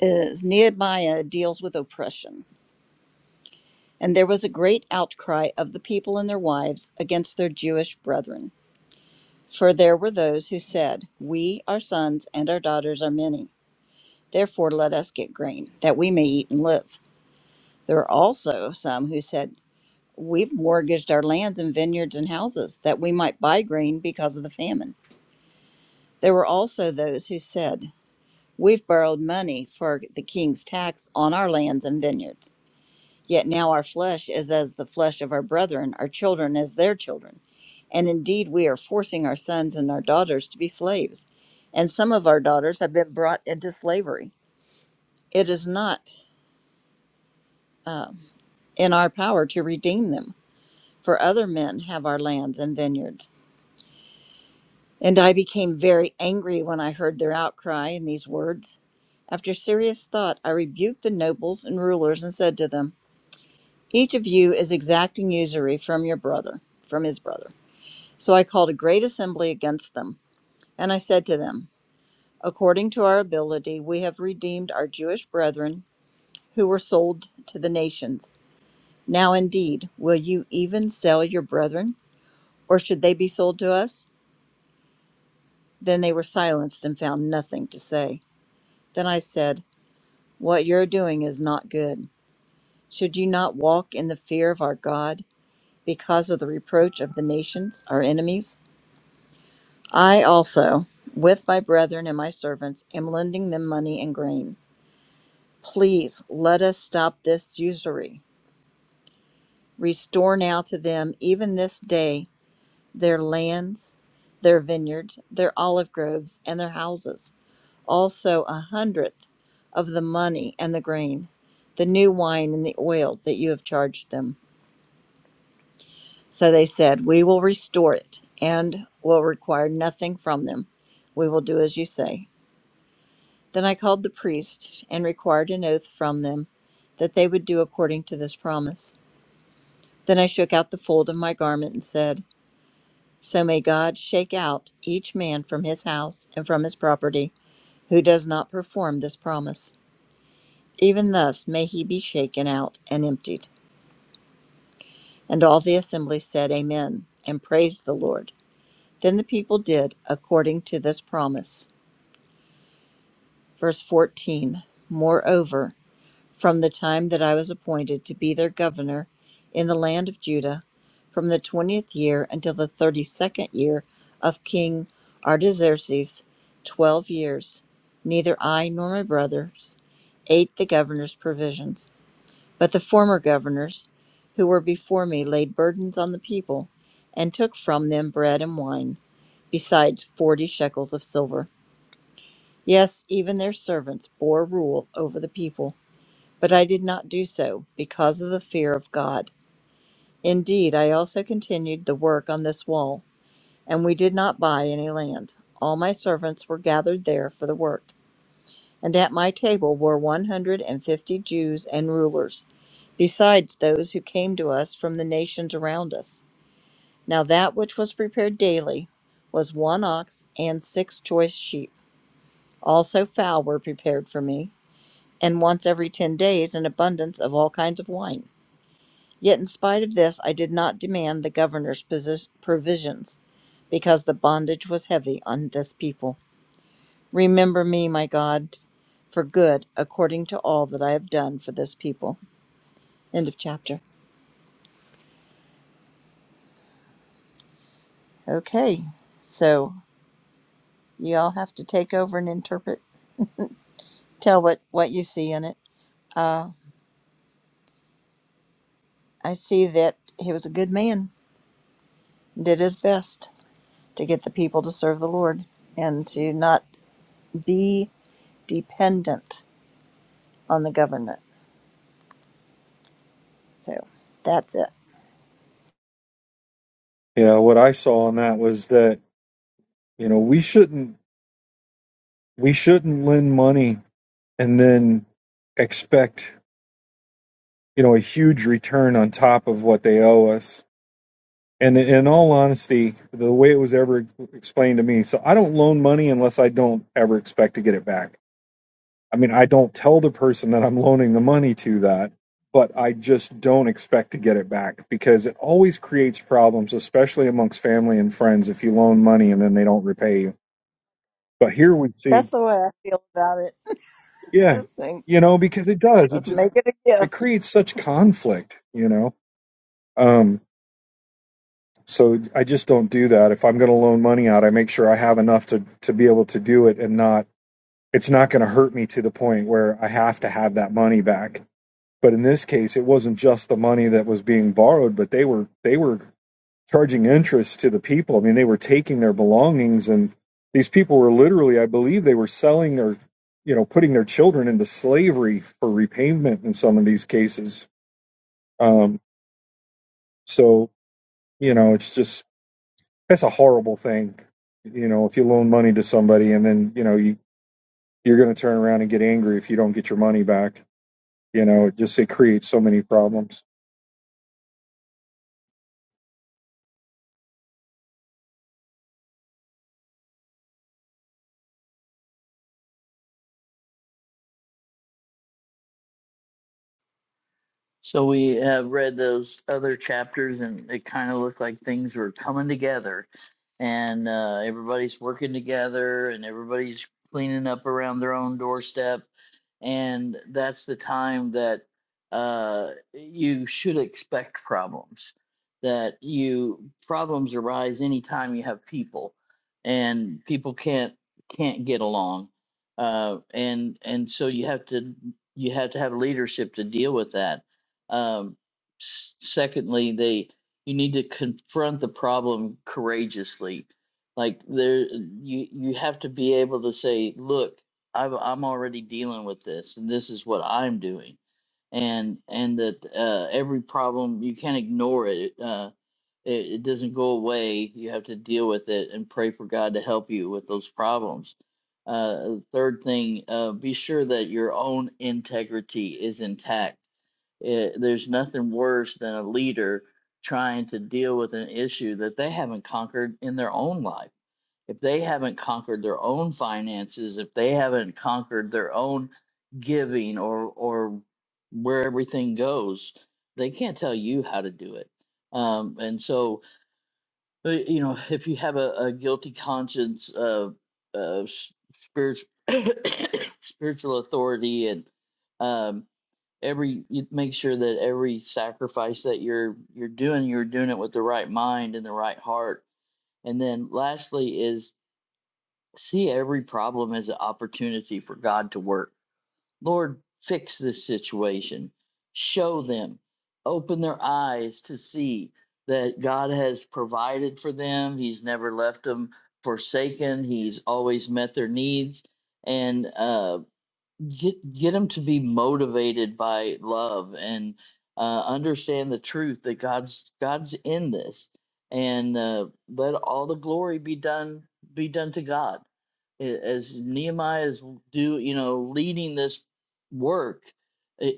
Speaker 3: is Nehemiah deals with oppression. And there was a great outcry of the people and their wives against their Jewish brethren. For there were those who said, We, our sons, and our daughters are many. Therefore, let us get grain, that we may eat and live. There were also some who said, We've mortgaged our lands and vineyards and houses that we might buy grain because of the famine. There were also those who said, We've borrowed money for the king's tax on our lands and vineyards. Yet now our flesh is as the flesh of our brethren, our children as their children. And indeed, we are forcing our sons and our daughters to be slaves. And some of our daughters have been brought into slavery. It is not in our power to redeem them, for other men have our lands and vineyards. And I became very angry when I heard their outcry and these words. After serious thought, I rebuked the nobles and rulers and said to them, Each of you is exacting usury from your brother, from his brother. So I called a great assembly against them, and I said to them, According to our ability, we have redeemed our Jewish brethren who were sold to the nations. Now, indeed, will you even sell your brethren, or should they be sold to us? Then they were silenced and found nothing to say. Then I said, What you're doing is not good. Should you not walk in the fear of our God because of the reproach of the nations, our enemies? I also, with my brethren and my servants, am lending them money and grain. Please let us stop this usury. Restore now to them, even this day, their lands, their vineyards, their olive groves, and their houses, also a hundredth of the money and the grain, the new wine and the oil that you have charged them. So they said, We will restore it and will require nothing from them. We will do as you say. Then I called the priest and required an oath from them that they would do according to this promise. Then I shook out the fold of my garment and said, So may God shake out each man from his house and from his property who does not perform this promise. Even thus may he be shaken out and emptied. And all the assembly said, Amen, and praised the Lord. Then the people did according to this promise. Verse 14 Moreover, from the time that I was appointed to be their governor in the land of Judah, from the twentieth year until the thirty second year of King Artaxerxes, twelve years, neither I nor my brothers ate the governor's provisions. But the former governors who were before me laid burdens on the people, and took from them bread and wine, besides forty shekels of silver. Yes, even their servants bore rule over the people. But I did not do so, because of the fear of God. Indeed, I also continued the work on this wall, and we did not buy any land. All my servants were gathered there for the work. And at my table were one hundred and fifty Jews and rulers, besides those who came to us from the nations around us. Now that which was prepared daily was one ox and six choice sheep. Also fowl were prepared for me, and once every ten days an abundance of all kinds of wine. Yet in spite of this, I did not demand the governor's posi- provisions, because the bondage was heavy on this people. Remember me, my God, for good, according to all that I have done for this people. End of chapter. Okay, so you all have to take over and interpret. Tell what, what you see in it. I see that he was a good man, did his best to get the people to serve the Lord and to not be dependent on the government. So that's it.
Speaker 1: Yeah, what I saw on that was that, you know, we shouldn't we shouldn't lend money and then expect you know a huge return on top of what they owe us and in all honesty the way it was ever explained to me so i don't loan money unless i don't ever expect to get it back i mean i don't tell the person that i'm loaning the money to that but i just don't expect to get it back because it always creates problems especially amongst family and friends if you loan money and then they don't repay you but here we see
Speaker 3: That's the way I feel about it.
Speaker 1: yeah
Speaker 3: I think,
Speaker 1: you know because it does it
Speaker 3: Let's
Speaker 1: just
Speaker 3: make it a
Speaker 1: it
Speaker 3: gift.
Speaker 1: creates such conflict you know Um, so I just don't do that. If I'm going to loan money out, I make sure I have enough to to be able to do it and not it's not going to hurt me to the point where I have to have that money back. But in this case, it wasn't just the money that was being borrowed, but they were they were charging interest to the people. I mean, they were taking their belongings and these people were literally, I believe they were selling their, you know, putting their children into slavery for repayment in some of these cases. Um, so, you know, it's just That's a horrible thing. You know, if you loan money to somebody and then, you know, you, you're going to turn around and get angry if you don't get your money back. You know, it just, it creates so many problems.
Speaker 6: So we have read those other chapters, and it kind of looked like things were coming together, and uh, everybody's working together, and everybody's cleaning up around their own doorstep, and that's the time that uh, you should expect problems. That you problems arise anytime you have people, and people can't can't get along, uh, and and so you have to you have to have leadership to deal with that. Um, s- secondly, they you need to confront the problem courageously. Like there, you you have to be able to say, look I've, I'm already dealing with this, and this is what I'm doing, and and that uh, every problem you can't ignore it. Uh, it. It doesn't go away. You have to deal with it and pray for God to help you with those problems. Uh, third thing, uh, be sure that your own integrity is intact. Eh, there's nothing worse than a leader trying to deal with an issue that they haven't conquered in their own life if they haven't conquered their own finances, if they haven't conquered their own giving or or where everything goes, they can't tell you how to do it. Um, and so, uh, you know, if you have a, a guilty conscience of uh, spirit, spiritual authority and um, every you make sure that every sacrifice that you're you're doing you're doing it with the right mind and the right heart and then lastly is See every problem as an opportunity for God to work. Lord, fix this situation. Show them. Open their eyes to see that God has provided for them. He's never left them forsaken. He's always met their needs. And uh, get get them to be motivated by love and uh, understand the truth that God's God's in this. And uh, let all the glory be done be done to God a- as Nehemiah is do you know leading this work,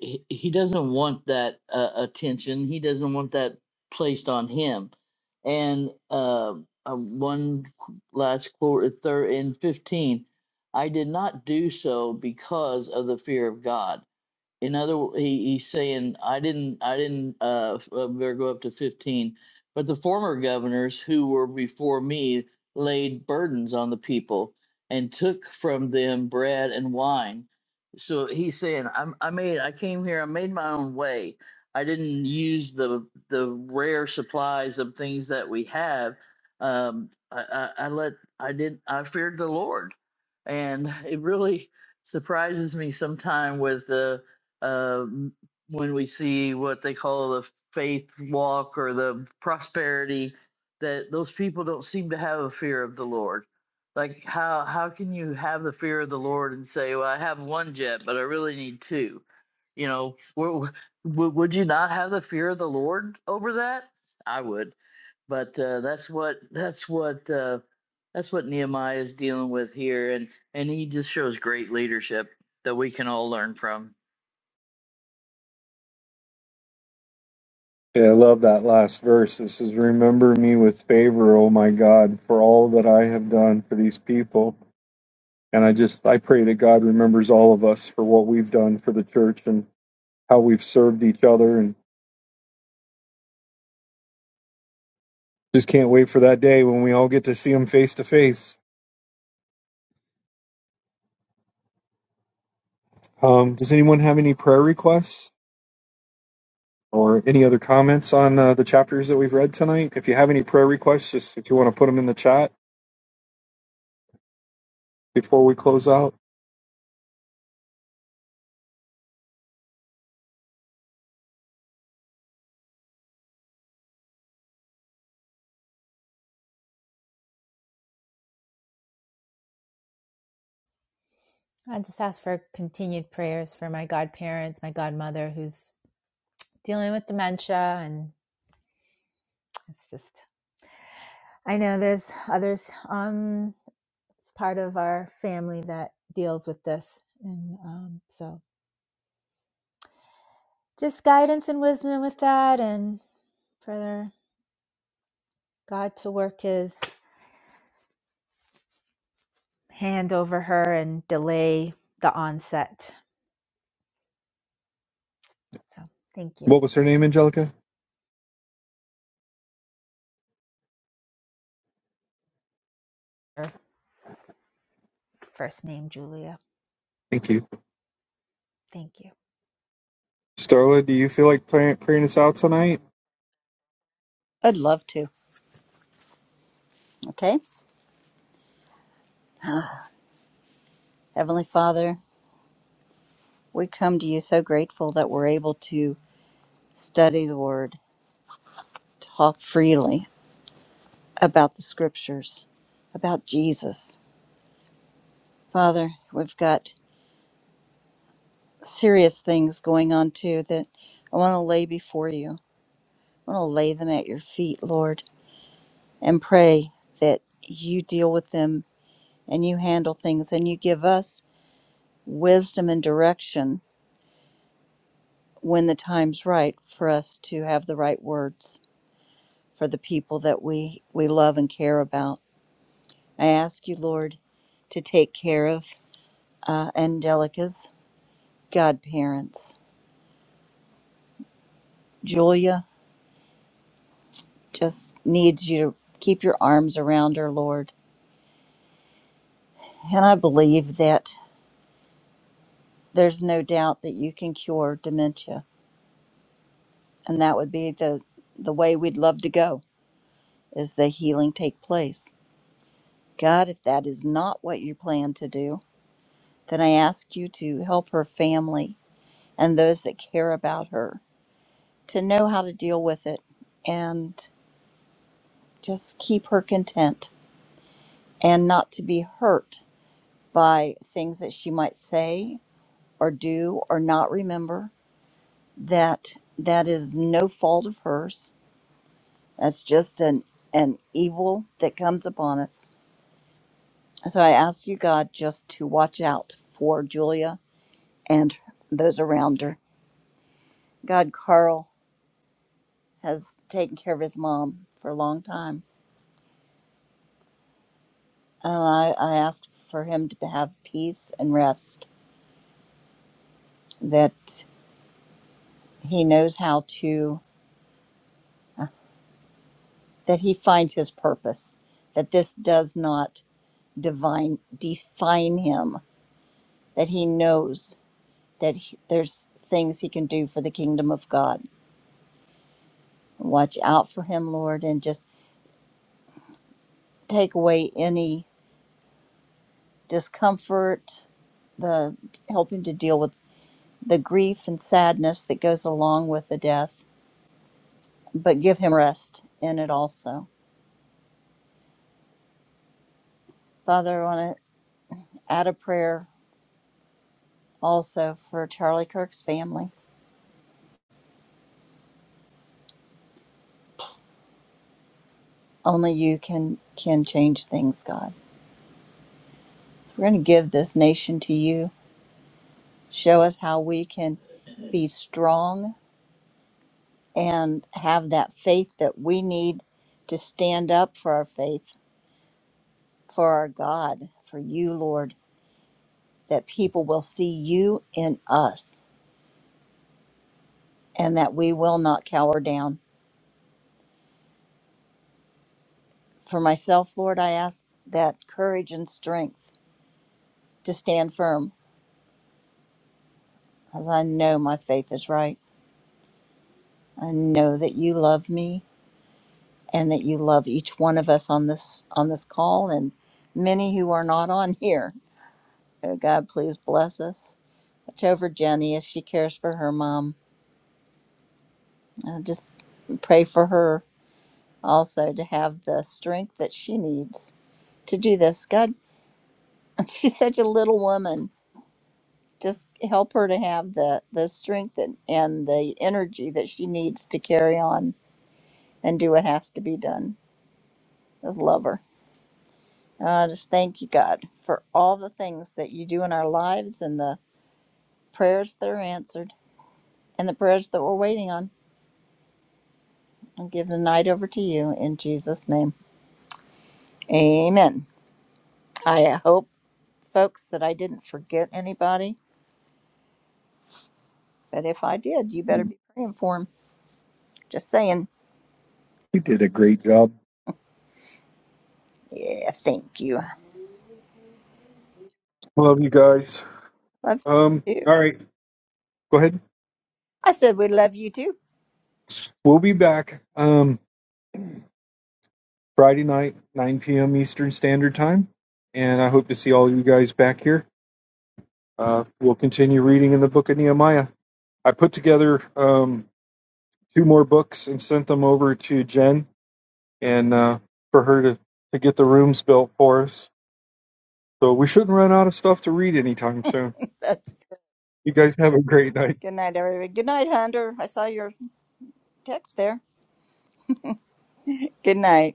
Speaker 6: he he doesn't want that uh, attention. He doesn't want that placed on him. And uh, uh, one qu- last quote, third in fifteen, I did not do so because of the fear of God in other wo- he, he's saying i didn't i didn't uh f- uh, better go up to 15 but the former governors who were before me laid burdens on the people and took from them bread and wine so he's saying I'm, i made i came here i made my own way i didn't use the the rare supplies of things that we have um i i, I let i did i feared the lord and it really surprises me sometime with um, when we see what they call the faith walk or the prosperity that those people don't seem to have a fear of the lord like how how can you have the fear of the lord and say well i have one jet but i really need two you know w- w- would you not have the fear of the lord over that i would but uh, that's what that's what uh, that's what nehemiah is dealing with here and and he just shows great leadership that we can all learn from
Speaker 1: Yeah, I love that last verse. It says, Remember me with favor, oh my God, for all that I have done for these people. And I just, I pray that God remembers all of us for what we've done for the church and how we've served each other. And just can't wait for that day when we all get to see him face to face. Um, Does anyone have any prayer requests? or any other comments on uh, the chapters that we've read tonight. If you have any prayer requests, just if you want to put them in the chat before we close out.
Speaker 5: I just ask for continued prayers for my godparents, my godmother, who's dealing with dementia and it's just i know there's others um it's part of our family that deals with this and um so just guidance and wisdom with that and further god to work his hand over her and delay the onset so thank you
Speaker 1: What was her name, Angelica?
Speaker 5: her first name julia
Speaker 1: Thank you.
Speaker 5: thank you
Speaker 1: Starla, do you feel like praying, praying us out tonight?
Speaker 3: I'd love to. Okay. Heavenly Father. We come to you so grateful that we're able to study the Word, talk freely about the Scriptures, about Jesus. Father, we've got serious things going on too that I want to lay before you. I want to lay them at your feet, Lord, and pray that you deal with them and you handle things and you give us wisdom and direction when the time's right for us to have the right words for the people that we, we love and care about. I ask you, Lord, to take care of uh, Angelica's godparents. Julia just needs you to keep your arms around her, Lord. And I believe that there's no doubt that you can cure dementia. And that would be the, the way we'd love to go is the healing take place. God, if that is not what you plan to do, then I ask you to help her family and those that care about her to know how to deal with it. And just keep her content and not to be hurt by things that she might say or do or not remember that that is no fault of hers that's just an an evil that comes upon us so i ask you god just to watch out for julia and those around her god carl has taken care of his mom for a long time and i i ask for him to have peace and rest that he knows how to that he finds his purpose that this does not divine define him that he knows that he, there's things he can do for the kingdom of god watch out for him lord and just take away any discomfort the help him to deal with the grief and sadness that goes along with the death but give him rest in it also father i want to add a prayer also for charlie kirk's family Only you can can change things, God. So we're going to give this nation to you. Show us how we can be strong and have that faith that we need to stand up for our faith, for our God, for you, Lord, that people will see you in us and that we will not cower down. For myself, Lord, I ask that courage and strength to stand firm as I know my faith is right. I know that you love me and that you love each one of us on this on this call and many who are not on here. Oh, God, please bless us. Watch over Jenny as she cares for her mom. Uh, just pray for her also to have the strength that she needs to do this. God, she's such a little woman. Just help her to have the, the strength and, and the energy that she needs to carry on and do what has to be done. Just love her. Uh, just thank you, God, for all the things that you do in our lives and the prayers that are answered and the prayers that we're waiting on. I'll give the night over to you in Jesus' name. Amen. I hope, folks, that I didn't forget anybody, but if I did, you better be praying for them. Just saying.
Speaker 1: You did a great job.
Speaker 3: Yeah, thank you.
Speaker 1: Love you guys.
Speaker 3: Love
Speaker 1: Um,
Speaker 3: you too.
Speaker 1: all right, go ahead.
Speaker 3: I said we love you too.
Speaker 1: We'll be back um, Friday night, 9 p.m. Eastern Standard Time, and I hope to see all you guys back here. Uh, we'll continue reading in the book of Nehemiah. I put together um, two more books and sent them over to Jen and uh, for her to, to get the rooms built for us. So we shouldn't run out of stuff to read anytime soon.
Speaker 3: That's
Speaker 1: You guys have a great night.
Speaker 3: good night, everybody. Good night, Hunter. I saw your text there. Good night.